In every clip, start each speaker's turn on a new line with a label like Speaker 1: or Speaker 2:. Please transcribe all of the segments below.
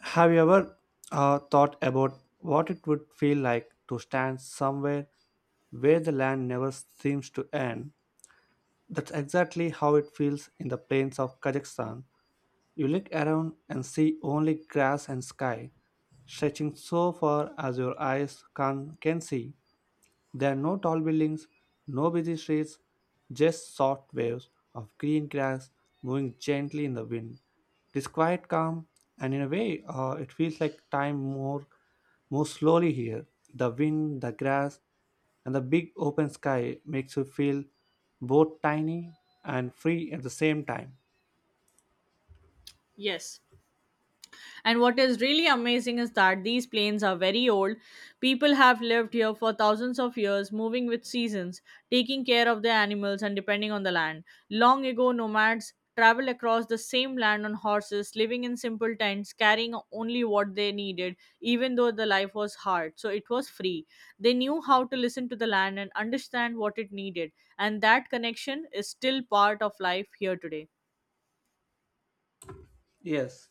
Speaker 1: Have you ever thought about what it would feel like to stand somewhere where the land never seems to end? That's exactly how it feels in the plains of Kazakhstan. You look around and see only grass and sky, stretching so far as your eyes can see. There are no tall buildings, no busy streets, just soft waves of green grass moving gently in the wind. It is quite calm, and in a way, it feels like time more moves slowly here. The wind, the grass, and the big open sky makes you feel both tiny and free at the same time.
Speaker 2: Yes. And what is really amazing is that these plains are very old. People have lived here for thousands of years, moving with seasons, taking care of their animals, and depending on the land. Long ago, nomads traveled across the same land on horses, living in simple tents, carrying only what they needed, even though the life was hard. So it was free. They knew how to listen to the land and understand what it needed. And that connection is still part of life here today.
Speaker 1: Yes,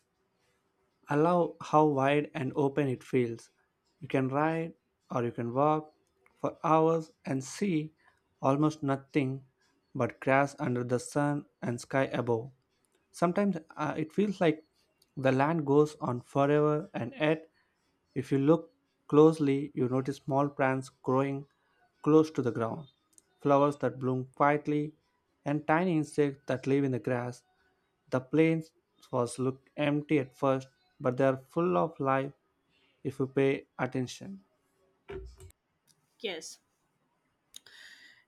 Speaker 1: I love how wide and open it feels. You can ride or you can walk for hours and see almost nothing but grass under the sun and sky above. Sometimes it feels like the land goes on forever, and yet if you look closely, you notice small plants growing close to the ground, flowers that bloom quietly, and tiny insects that live in the grass. The plains was look empty at first, but they are full of life if you pay attention.
Speaker 2: Yes.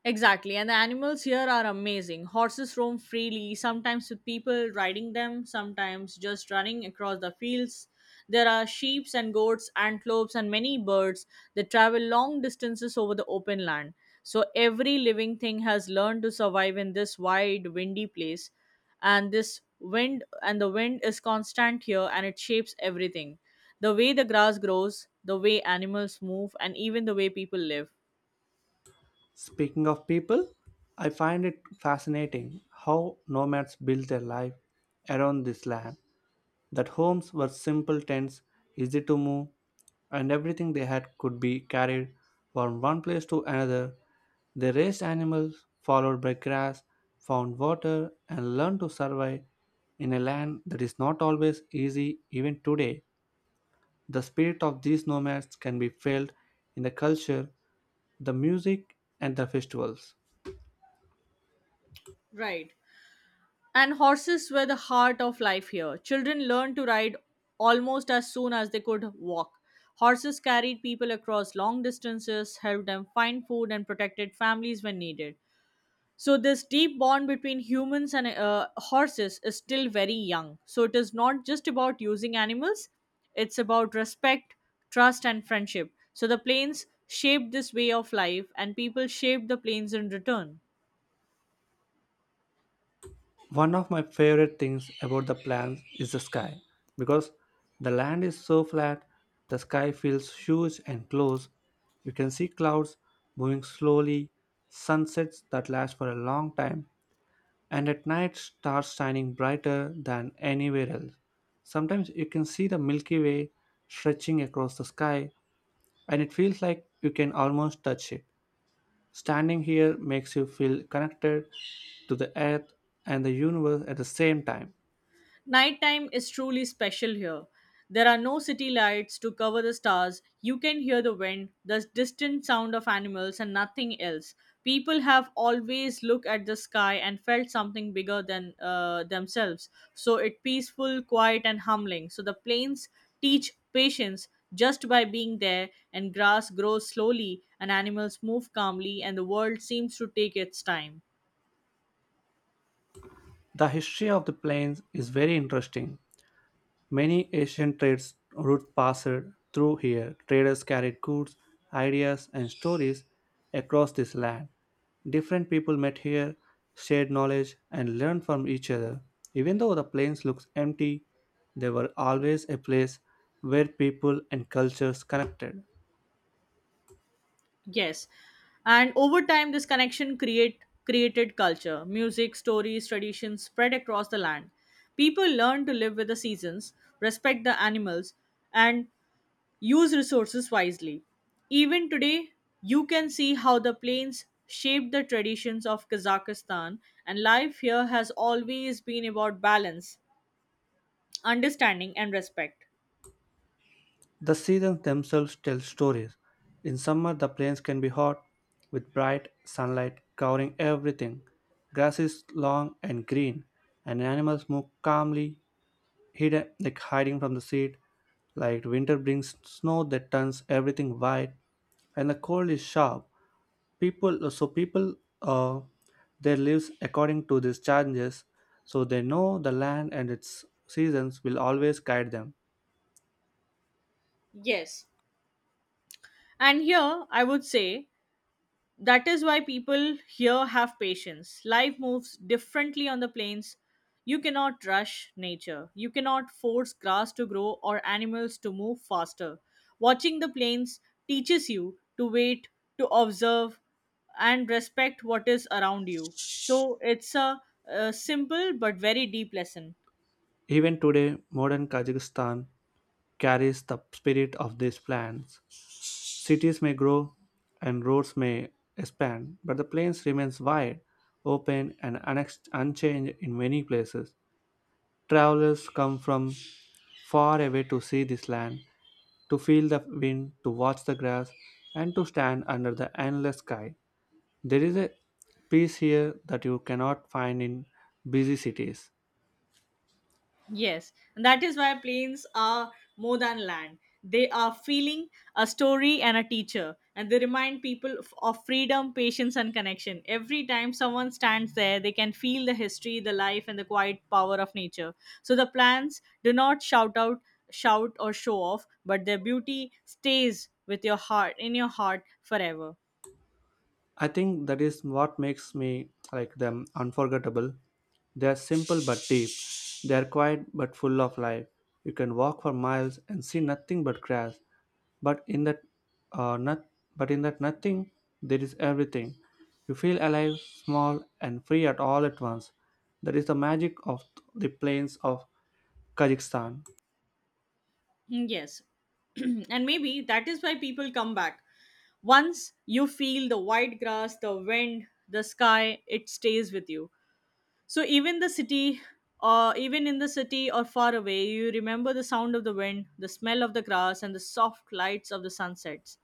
Speaker 2: Exactly, and the animals here are amazing. Horses roam freely, sometimes with people riding them, sometimes just running across the fields. There are sheep and goats, antelopes, and many birds that travel long distances over the open land. So every living thing has learned to survive in this wide, windy place. And this wind and the wind is constant here, and it shapes everything, the way the grass grows, the way animals move, and even the way people live.
Speaker 1: Speaking of people, I find it fascinating how nomads build their life around this land. That homes were simple tents, easy to move, and everything they had could be carried from one place to another. They raised animals, followed by grass, found water, and learned to survive in a land that is not always easy even today. The spirit of these nomads can be felt in the culture, the music, and the festivals.
Speaker 2: Right. And horses were the heart of life here. Children learned to ride almost as soon as they could walk. Horses carried people across long distances, helped them find food, and protected families when needed. So this deep bond between humans and horses is still very young. So it is not just about using animals, it's about respect, trust, and friendship. So the plains shaped this way of life, and people shaped the plains in return.
Speaker 1: One of my favorite things about the plans is the sky. Because the land is so flat, the sky feels huge and close. You can see clouds moving slowly, sunsets that last for a long time, and at night stars shining brighter than anywhere else. Sometimes you can see the Milky Way stretching across the sky, and it feels like you can almost touch it. Standing here makes you feel connected to the earth and the universe at the same time.
Speaker 2: Nighttime is truly special here. There are no city lights to cover the stars. You can hear the wind, the distant sound of animals, and nothing else. People have always looked at the sky and felt something bigger than themselves. So it peaceful, quiet, and humbling. So the plains teach patience just by being there, and grass grows slowly, and animals move calmly, and the world seems to take its time.
Speaker 1: The history of the plains is very interesting. Many ancient trades routes passed through here. Traders carried goods, ideas, and stories across this land. Different people met here, shared knowledge, and learned from each other. Even though the plains looks empty, they were always a place where people and cultures connected.
Speaker 2: Yes. And over time, this connection create created culture, music, stories, traditions spread across the land. People learn to live with the seasons, respect the animals, and use resources wisely. Even today, you can see how the plains shaped the traditions of Kazakhstan, and life here has always been about balance, understanding, and respect.
Speaker 1: The seasons themselves tell stories. In summer, the plains can be hot, with bright sunlight covering everything. Grass is long and green, and animals move calmly, hidden like hiding from the heat. Like winter brings snow that turns everything white, and the cold is sharp. So people, uh, their lives according to these changes, so they know the land and its seasons will always guide them.
Speaker 2: Yes. And here, I would say, that is why people here have patience. Life moves differently on the plains. You cannot rush nature. You cannot force grass to grow or animals to move faster. Watching the plains teaches you to wait, to observe, and respect what is around you. So it's a simple but very deep lesson.
Speaker 1: Even today, modern Kazakhstan carries the spirit of these plans. Cities may grow and roads may expand, but the plains remains wide, open, and unchanged in many places. Travelers come from far away to see this land, to feel the wind, to watch the grass, and to stand under the endless sky. There is a peace here that you cannot find in busy cities.
Speaker 2: Yes, and that is why planes are more than land. They are feeling a story and a teacher, and they remind people of freedom, patience, and connection. Every time someone stands there, they can feel the history, the life, and the quiet power of nature. So the plants do not shout, or show off, but their beauty stays in your heart forever.
Speaker 1: I think that is what makes me like them unforgettable. They are simple but deep. They are quiet but full of life. You can walk for miles and see nothing but grass, but uh, not, in that nothing there is everything. You feel alive, small, and free at all at once. That is the magic of the plains of Kazakhstan.
Speaker 2: Mm, yes. And maybe that is why people come back. Once you feel the white grass, the wind, the sky, it stays with you. So even the city or even in the city or far away, you remember the sound of the wind, the smell of the grass, and the soft lights of the sunsets.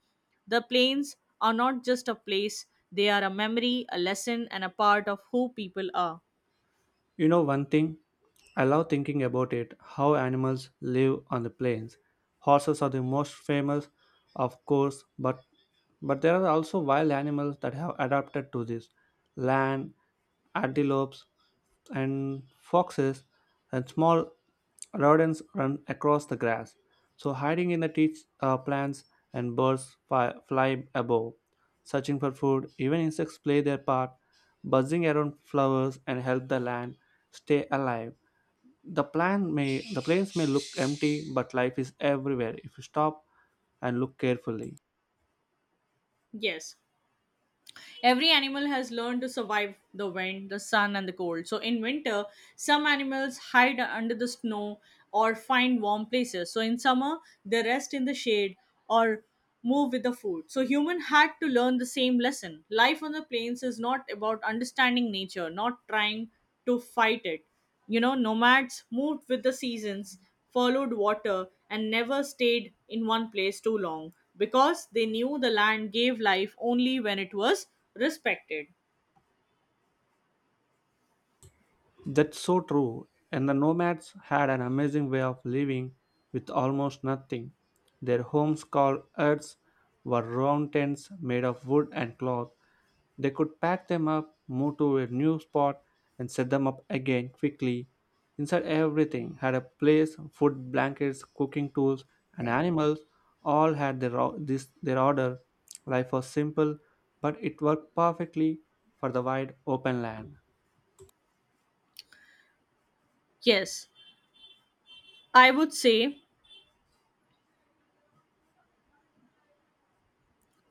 Speaker 2: The plains are not just a place, they are a memory, a lesson, and a part of who people are.
Speaker 1: You know one thing? I love thinking about it how animals live on the plains. Horses are the most famous, of course, but there are also wild animals that have adapted to this land, antelopes and foxes and small rodents run across the grass. So hiding in the teach plants and birds fly above searching for food. Even insects play their part, buzzing around flowers and help the land stay alive. The plains may look empty, but life is everywhere if you stop and look carefully.
Speaker 2: Yes. Every animal has learned to survive the wind, the sun, and the cold. So in winter, some animals hide under the snow or find warm places. So in summer, they rest in the shade or move with the food. So human had to learn the same lesson. Life on the plains is not about understanding nature, not trying to fight it. You know, nomads moved with the seasons, followed water, and never stayed in one place too long because they knew the land gave life only when it was respected.
Speaker 1: That's so true. And the nomads had an amazing way of living with almost nothing. Their homes called huts, were round tents made of wood and cloth. They could pack them up, move to a new spot, and set them up again quickly. Inside, everything had a place food, blankets, cooking tools, and animals all had their order. Life was simple, but it worked perfectly for the wide open land.
Speaker 2: Yes, I would say,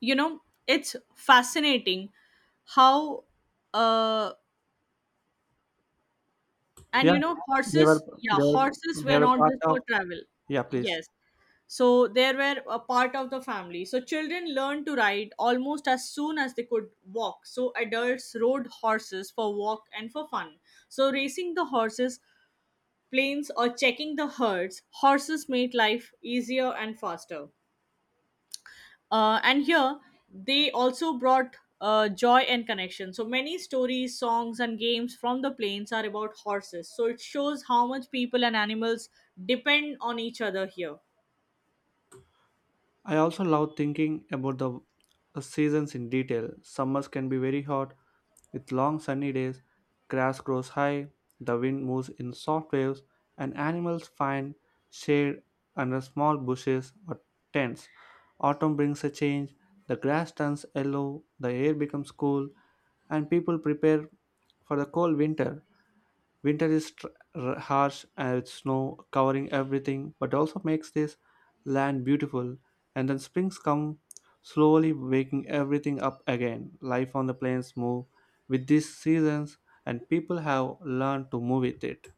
Speaker 2: you know, it's fascinating how, uh, and you
Speaker 1: Yeah,
Speaker 2: know,
Speaker 1: they
Speaker 2: horses,
Speaker 1: were,
Speaker 2: yeah,
Speaker 1: they were,
Speaker 2: horses
Speaker 1: they
Speaker 2: were
Speaker 1: were
Speaker 2: not
Speaker 1: part
Speaker 2: just
Speaker 1: of.
Speaker 2: for travel,
Speaker 1: Yeah, please.
Speaker 2: yes, so they were a part of the family. So children learned to ride almost as soon as they could walk. So adults rode horses for walk and for fun, so racing the horses, planes, or checking the herds, horses made life easier and faster. And here, they also brought joy and connection. So many stories, songs, and games from the plains are about horses. So it shows how much people and animals depend on each other here.
Speaker 1: I also love thinking about the seasons in detail. Summers can be very hot with long sunny days, grass grows high, the wind moves in soft waves, and animals find shade under small bushes or tents. Autumn brings a change, the grass turns yellow, the air becomes cool, and people prepare for the cold winter. Winter is harsh, with snow covering everything, but also makes this land beautiful. And then springs come slowly waking everything up again. Life on the plains move with these seasons, and people have learned to move with it.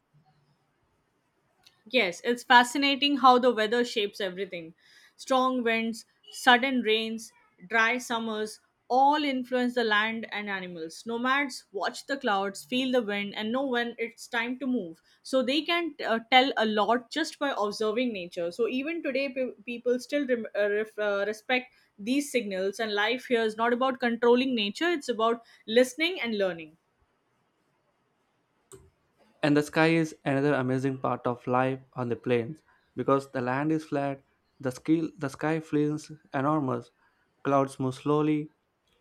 Speaker 2: Yes, it's fascinating how the weather shapes everything. Strong winds, sudden rains, dry summers, all influence the land and animals. Nomads watch the clouds, feel the wind, and know when it's time to move. So they can tell a lot just by observing nature. So even today, people still respect these signals, and life here is not about controlling nature, it's about listening and learning.
Speaker 1: And the sky is another amazing part of life on the plains because the land is flat, the sky feels enormous, clouds move slowly,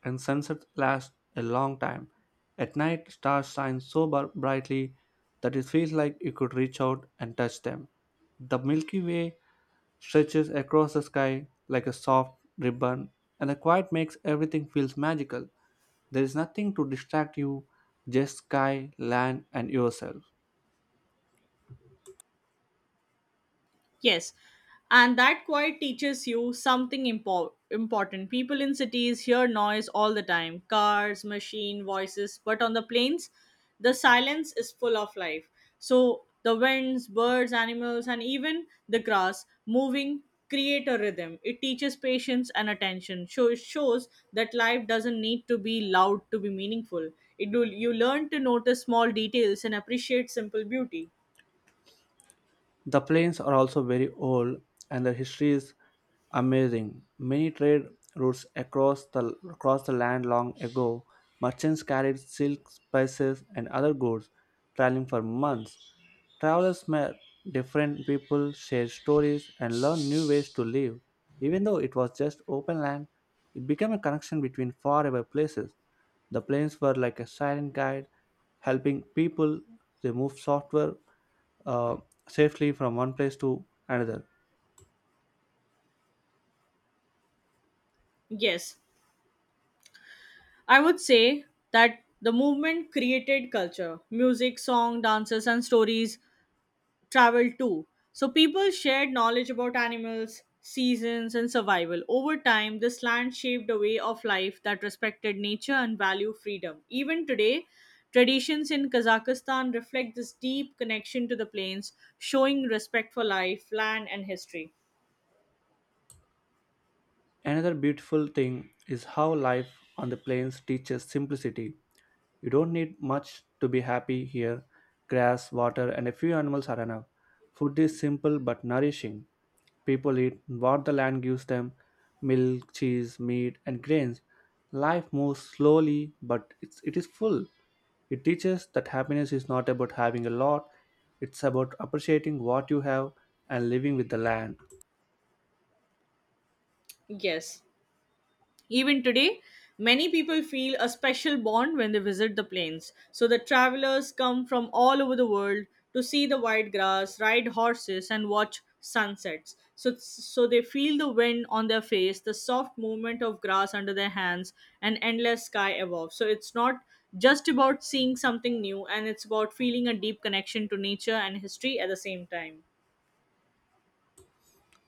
Speaker 1: and sunsets last a long time. At night, stars shine so brightly that it feels like you could reach out and touch them. The Milky Way stretches across the sky like a soft ribbon, and the quiet makes everything feels magical. There is nothing to distract you, just sky, land, and yourself.
Speaker 2: Yes, and that quiet teaches you something important. People in cities hear noise all the time, cars, machine, voices, but on the plains, the silence is full of life. So the winds, birds, animals, and even the grass moving create a rhythm. It teaches patience and attention. So it shows that life doesn't need to be loud to be meaningful. It will, you learn to notice small details and appreciate simple beauty.
Speaker 1: The plains are also very old and their history is amazing. Many trade routes across the land long ago, merchants carried silk, spices and other goods traveling for months. Travelers met different people, shared stories and learned new ways to live. Even though it was just open land, it became a connection between faraway places. The planes were like a silent guide, helping people remove software, uh, safely from one place to another.
Speaker 2: Yes, I would say that the movement created culture. Music, song, dances, and stories traveled too. So people shared knowledge about animals, seasons, and survival. Over time, this land shaped a way of life that respected nature and valued freedom. Even today, traditions in Kazakhstan reflect this deep connection to the plains, showing respect for life, land, and history.
Speaker 1: Another beautiful thing is how life on the plains teaches simplicity. You don't need much to be happy here. Grass, water, and a few animals are enough. Food is simple but nourishing. People eat what the land gives them milk, cheese, meat, and grains. Life moves slowly, but it is full. It teaches that happiness is not about having a lot, it's about appreciating what you have and living with the land.
Speaker 2: Yes. Even today, many people feel a special bond when they visit the plains. So the travelers come from all over the world to see the wide grass, ride horses, and watch sunsets. So, they feel the wind on their face, the soft movement of grass under their hands, and endless sky above. So it's not just about seeing something new, and it's about feeling a deep connection to nature and history at the same time.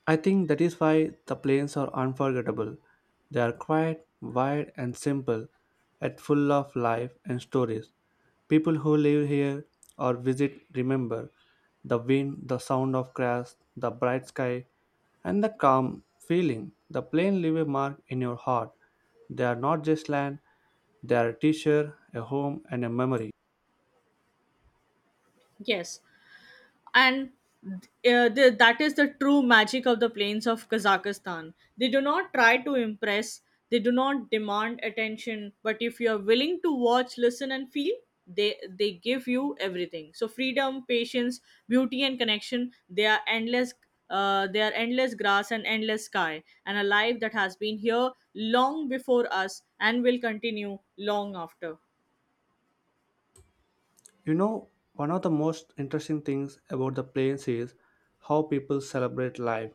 Speaker 1: I think that is why the plains are unforgettable. They are quiet, wide, and simple, yet full of life and stories. People who live here or visit remember the wind, the sound of grass, the bright sky, and the calm feeling. The plains leave a mark in your heart. They are not just land, they are a teacher, a home, and a memory.
Speaker 2: Yes, and uh, that is the true magic of the plains of Kazakhstan. They do not try to impress, they do not demand attention, but if you are willing to watch, listen, and feel, they give you everything. So freedom, patience, beauty, and connection. They are endless. They are endless grass and endless sky, and a life that has been here long before us and will continue long after.
Speaker 1: You know, one of the most interesting things about the plains is how people celebrate life.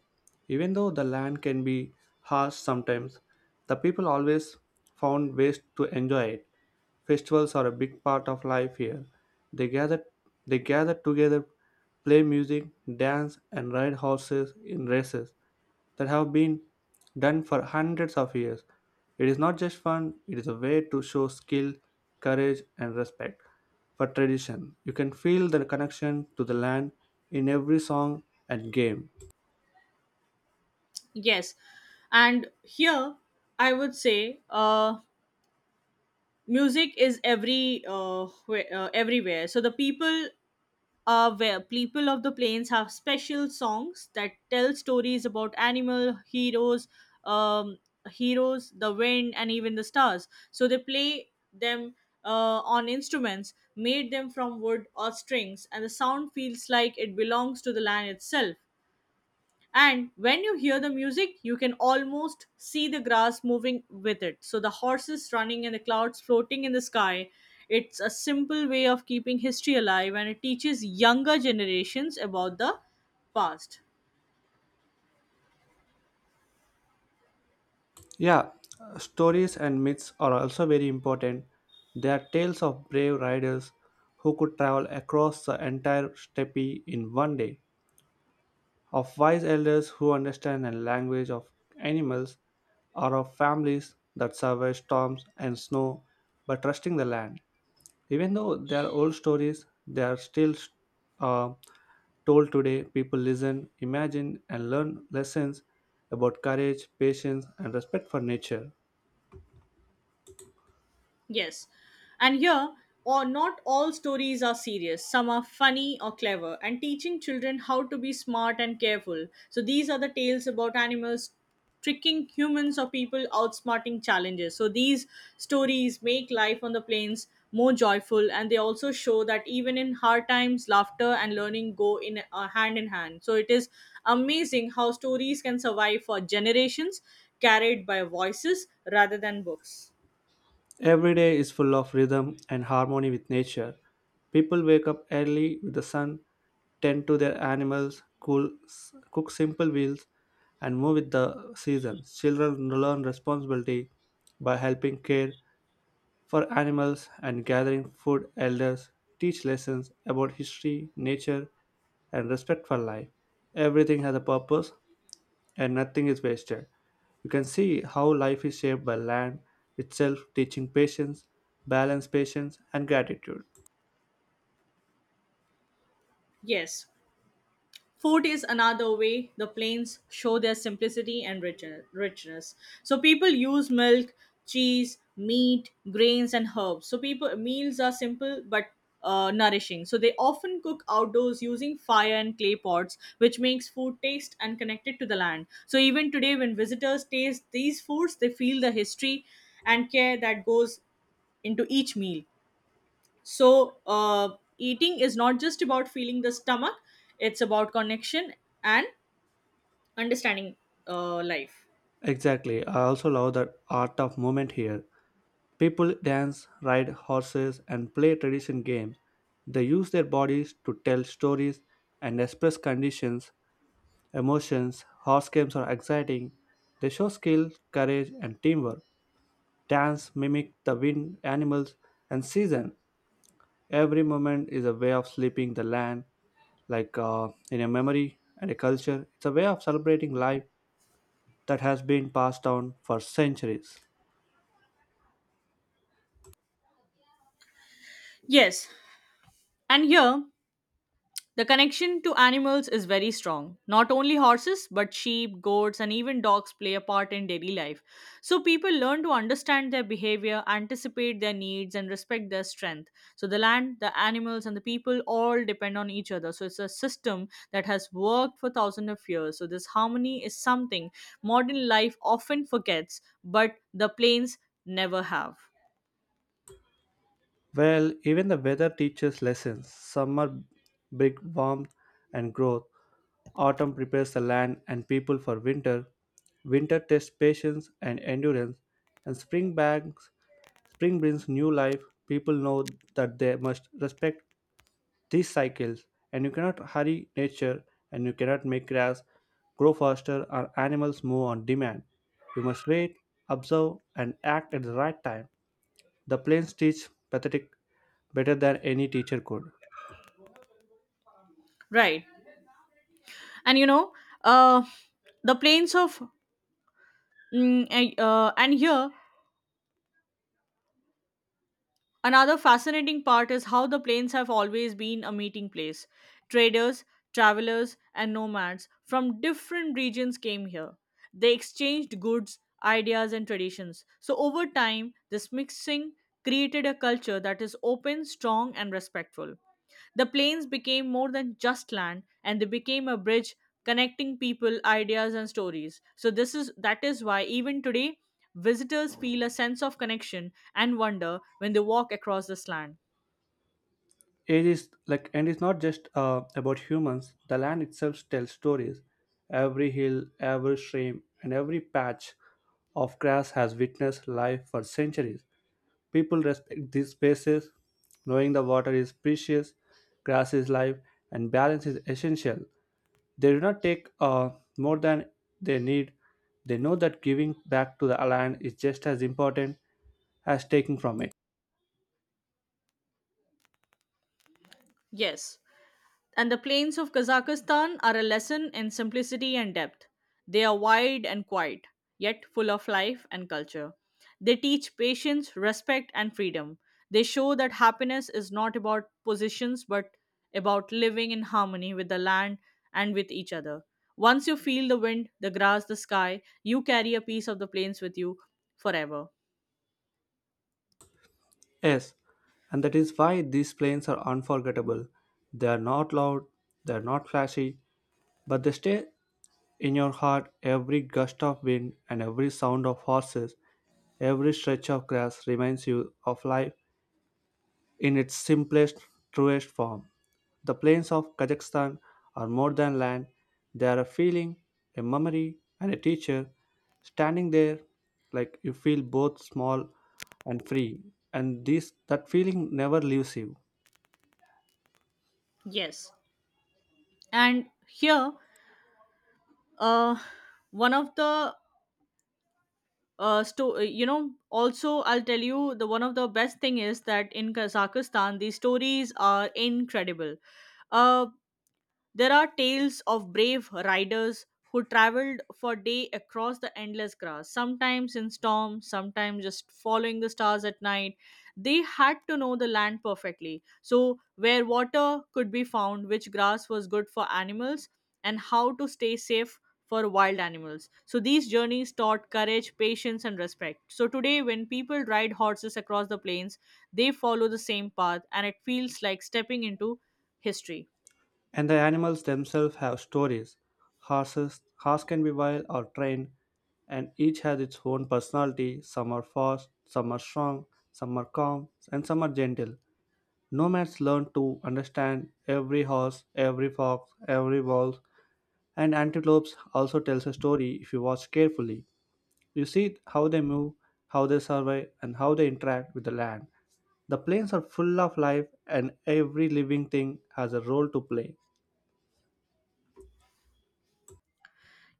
Speaker 1: Even though the land can be harsh sometimes, the people always found ways to enjoy it. Festivals are a big part of life here. They gather they gather together, play music, dance and ride horses in races that have been done for hundreds of years. It is not just fun, it is a way to show skill, courage, and respect for tradition. You can feel the connection to the land in every song and game.
Speaker 2: Yes, and here I would say. Music is every everywhere. So the people are where people of the plains have special songs that tell stories about animal heroes, um, the wind, and even the stars. So they play them on instruments made them from wood or strings, and the sound feels like it belongs to the land itself. And when you hear the music, you can almost see the grass moving with it, so the horses running and the clouds floating in the sky. It's a simple way of keeping history alive, and it teaches younger generations about the past.
Speaker 1: Yeah, stories and myths are also very important. They are tales of brave riders who could travel across the entire steppe in one day, of wise elders who understand the language of animals, or of families that survive storms and snow by trusting the land. Even though they are old stories, they are still uh, told today. People listen, imagine, and learn lessons about courage, patience, and respect for nature.
Speaker 2: Yes. And here, or not all stories are serious. Some are funny or clever, and teaching children how to be smart and careful. So these are the tales about animals tricking humans or people outsmarting challenges. So these stories make life on the plains more joyful, and they also show that even in hard times, laughter and learning go in hand in hand. So it is amazing how stories can survive for generations, carried by voices rather than books.
Speaker 1: Every day is full of rhythm and harmony with nature. People wake up early with the sun, tend to their animals, cook simple meals, and move with the seasons. Children learn responsibility by helping care for animals and gathering food. Elders teach lessons about history, nature, and respect for life. Everything has a purpose, and nothing is wasted. You can see how life is shaped by land itself, teaching patience, balance, patience, and gratitude.
Speaker 2: Yes. Food is another way the plains show their simplicity and richness. So people use milk, cheese, meat, grains, and herbs. So people meals are simple but nourishing. So they often cook outdoors using fire and clay pots, which makes food taste and connected to the land. So even today, when visitors taste these foods, they feel the history and care that goes into each meal. So, eating is not just about feeling the stomach, it's about connection and understanding life.
Speaker 1: Exactly. I also love the art of movement here. People dance, ride horses, and play tradition games. They use their bodies to tell stories and express conditions, emotions. Horse games are exciting. They show skill, courage, and teamwork. Dance mimic the wind, animals, and season. Every moment is a way of sleeping the land, like in a memory and a culture. It's a way of celebrating life that has been passed down for centuries.
Speaker 2: Yes. And here, the connection to animals is very strong. Not only horses, but sheep, goats, and even dogs play a part in daily life. So people learn to understand their behavior, anticipate their needs, and respect their strength. So the land, the animals, and the people all depend on each other. So it's a system that has worked for thousands of years. So this harmony is something modern life often forgets, but the plains never have.
Speaker 1: Well, even the weather teaches lessons. Summer brings warmth and growth. Autumn prepares the land and people for winter. Winter tests patience and endurance, and spring brings new life. People know that they must respect these cycles, and you cannot hurry nature, and you cannot make grass grow faster or animals move on demand. You must wait, observe, and act at the right time. The plains teach pathetic better than any teacher could.
Speaker 2: Right. And you know, uh, the plains of Mm, and here, another fascinating part is how the plains have always been a meeting place. Traders, travelers, and nomads from different regions came here. They exchanged goods, ideas, and traditions. So, over time, this mixing created a culture that is open, strong, and respectful. The plains became more than just land, and they became a bridge connecting people, ideas, and stories. So this is that is why even today visitors feel a sense of connection and wonder when they walk across this land.
Speaker 1: It is like, and it's not just about humans. The land itself tells stories. Every hill, every stream, and every patch of grass has witnessed life for centuries. People respect these spaces, knowing the water is precious, grass is life, and balance is essential. They do not take more than they need. They know that giving back to the land is just as important as taking from it.
Speaker 2: Yes, and the plains of Kazakhstan are a lesson in simplicity and depth. They are wide and quiet, yet full of life and culture. They teach patience, respect, and freedom. They show that happiness is not about positions but about living in harmony with the land and with each other. Once you feel the wind, the grass, the sky, you carry a piece of the plains with you forever.
Speaker 1: Yes, and that is why these planes are unforgettable. They are not loud, they are not flashy, but they stay in your heart. Every gust of wind and every sound of horses, every stretch of grass reminds you of life in its simplest, truest form. The plains of Kazakhstan are more than land, they are a feeling, a memory, and a teacher. Standing there, like you feel both small and free, and this that feeling never leaves you.
Speaker 2: Yes. And here, uh, one of the sto- you know also I'll tell you, the one of the best thing is that in Kazakhstan the stories are incredible. uh there are tales of brave riders who traveled for day across the endless grass, sometimes in storm, sometimes just following the stars at night. They had to know the land perfectly. So, where water could be found, which grass was good for animals, and how to stay safe for wild animals. So, these journeys taught courage, patience, and respect. So, today, when people ride horses across the plains, they follow the same path, and it feels like stepping into history.
Speaker 1: And the animals themselves have stories. Horses, horse can be wild or trained, and each has its own personality. Some are fast, some are strong, some are calm, and some are gentle. Nomads learned to understand every horse, every fox, every wolf, and antelopes also tells a story if you watch carefully. You see how they move, how they survive, and how they interact with the land. The plains are full of life, and every living thing has a role to play.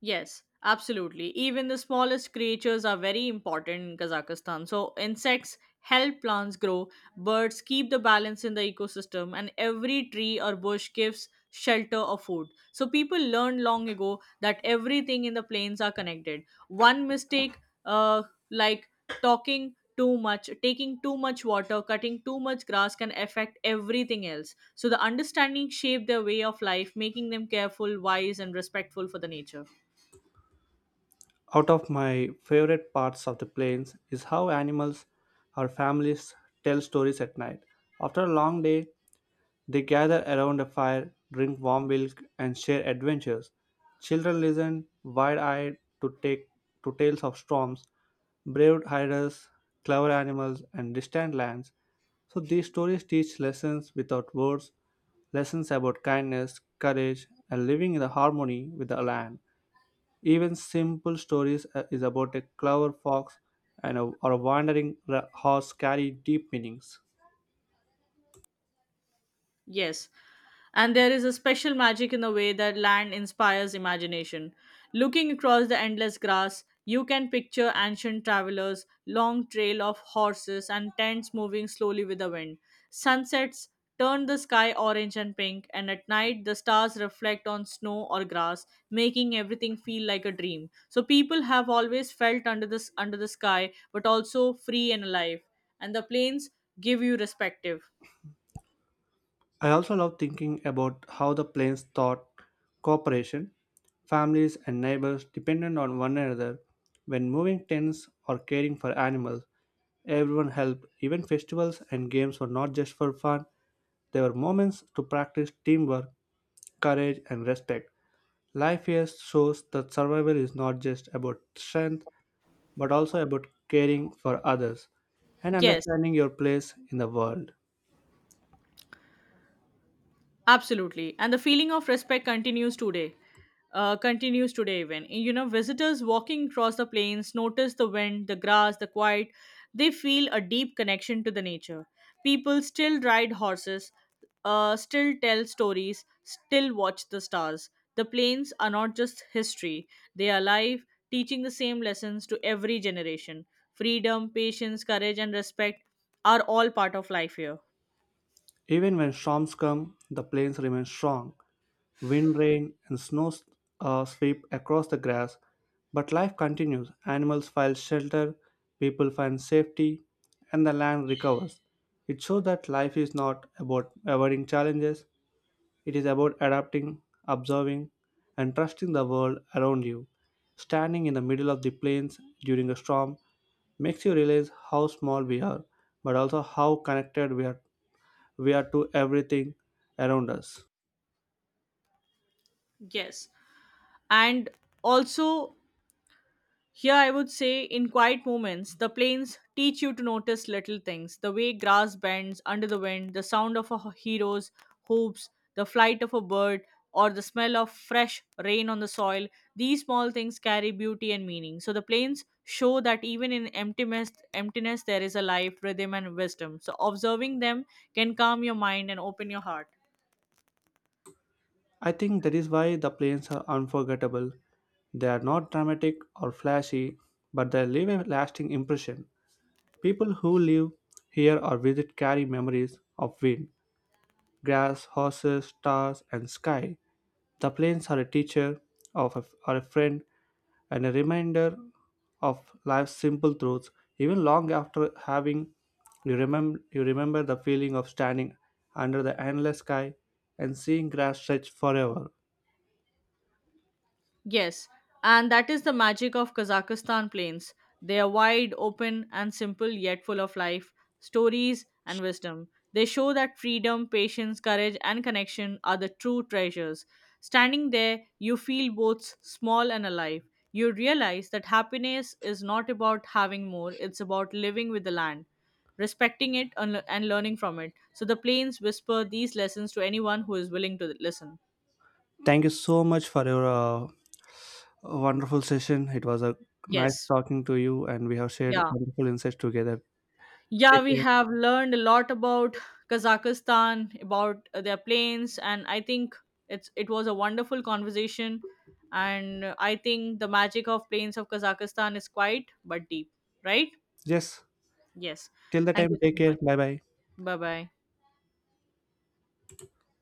Speaker 2: Yes, absolutely. Even the smallest creatures are very important in Kazakhstan. So, insects help plants grow, birds keep the balance in the ecosystem, and every tree or bush gives shelter or food. So, people learned long ago that everything in the plains are connected. One mistake, uh, like talking too much, taking too much water, cutting too much grass can affect everything else. So, the understanding shaped their way of life, making them careful, wise, and respectful for the nature.
Speaker 1: Out of my favorite parts of the plains is how animals or families tell stories at night. After a long day, they gather around a fire, drink warm milk, and share adventures. Children listen wide-eyed to take to tales of storms, brave hiders, clever animals, and distant lands. So these stories teach lessons without words, lessons about kindness, courage, and living in the harmony with the land. Even simple stories is about a clever fox and a wandering horse carry deep meanings.
Speaker 2: Yes, and there is a special magic in the way that land inspires imagination. Looking across the endless grass, you can picture ancient travelers, long trail of horses, and tents moving slowly with the wind. Sunsets turn the sky orange and pink, and at night the stars reflect on snow or grass, making everything feel like a dream. So people have always felt under the sky, but also free and alive. And the plains give you perspective.
Speaker 1: I also love thinking about how the plains thought cooperation, families, and neighbors depended on one another when moving tents or caring for animals. Everyone helped, even festivals and games were not just for fun, they were moments to practice teamwork, courage, and respect. Life here shows that survival is not just about strength but also about caring for others and
Speaker 2: Yes,
Speaker 1: understanding your place in the world.
Speaker 2: absolutely. And the feeling of respect continues today. Continues today even. You know, visitors walking across the plains notice the wind, the grass, the quiet. They feel a deep connection to the nature. People still ride horses, still tell stories, still watch the stars. The plains are not just history, they are alive, teaching the same lessons to every generation. Freedom, patience, courage, and respect are all part of life here.
Speaker 1: Even when storms come, the plains remain strong. Wind, rain, and snow sweep across the grass, but life continues. Animals find shelter, people find safety, and the land recovers. It shows that life is not about avoiding challenges, it is about adapting, observing, and trusting the world around you. Standing in the middle of the plains during a storm makes you realize how small we are, but also how connected we are to everything around us.
Speaker 2: Yes. And also here, I would say, in quiet moments, the plains teach you to notice little things, the way grass bends under the wind, the sound of a hero's hoops, the flight of a bird, or the smell of fresh rain on the soil. These small things carry beauty and meaning. So, the plains show that even in emptiness there is a life, rhythm, and wisdom. So, observing them can calm your mind and open your heart.
Speaker 1: I think that is why the planes are unforgettable. They are not dramatic or flashy, but they leave a lasting impression. People who live here or visit carry memories of wind, grass, horses, stars, and sky. The plains are a teacher, or a friend, and a reminder of life's simple truths. Even long after having, you remember the feeling of standing under the endless sky and seeing grass stretch forever.
Speaker 2: Yes, and that is the magic of Kazakhstan plains. They are wide, open, and simple, yet full of life, stories, and wisdom. They show that freedom, patience, courage, and connection are the true treasures. Standing there, you feel both small and alive. You realize that happiness is not about having more, it's about living with the land, respecting it, and learning from it. So the plains whisper these lessons to anyone who is willing to listen.
Speaker 1: Thank you so much for your wonderful session. It was a nice
Speaker 2: Yes.
Speaker 1: talking to you, and we have shared
Speaker 2: Yeah.
Speaker 1: wonderful insights together.
Speaker 2: Yeah,
Speaker 1: Take
Speaker 2: we
Speaker 1: care.
Speaker 2: have learned a lot about Kazakhstan, about their planes, and I think it was a wonderful conversation. And I think the magic of planes of Kazakhstan is quite but deep, right?
Speaker 1: Yes.
Speaker 2: Yes.
Speaker 1: Till the
Speaker 2: Thank
Speaker 1: time,
Speaker 2: you
Speaker 1: take
Speaker 2: so
Speaker 1: care.
Speaker 2: much.
Speaker 1: Bye bye.
Speaker 2: Bye bye.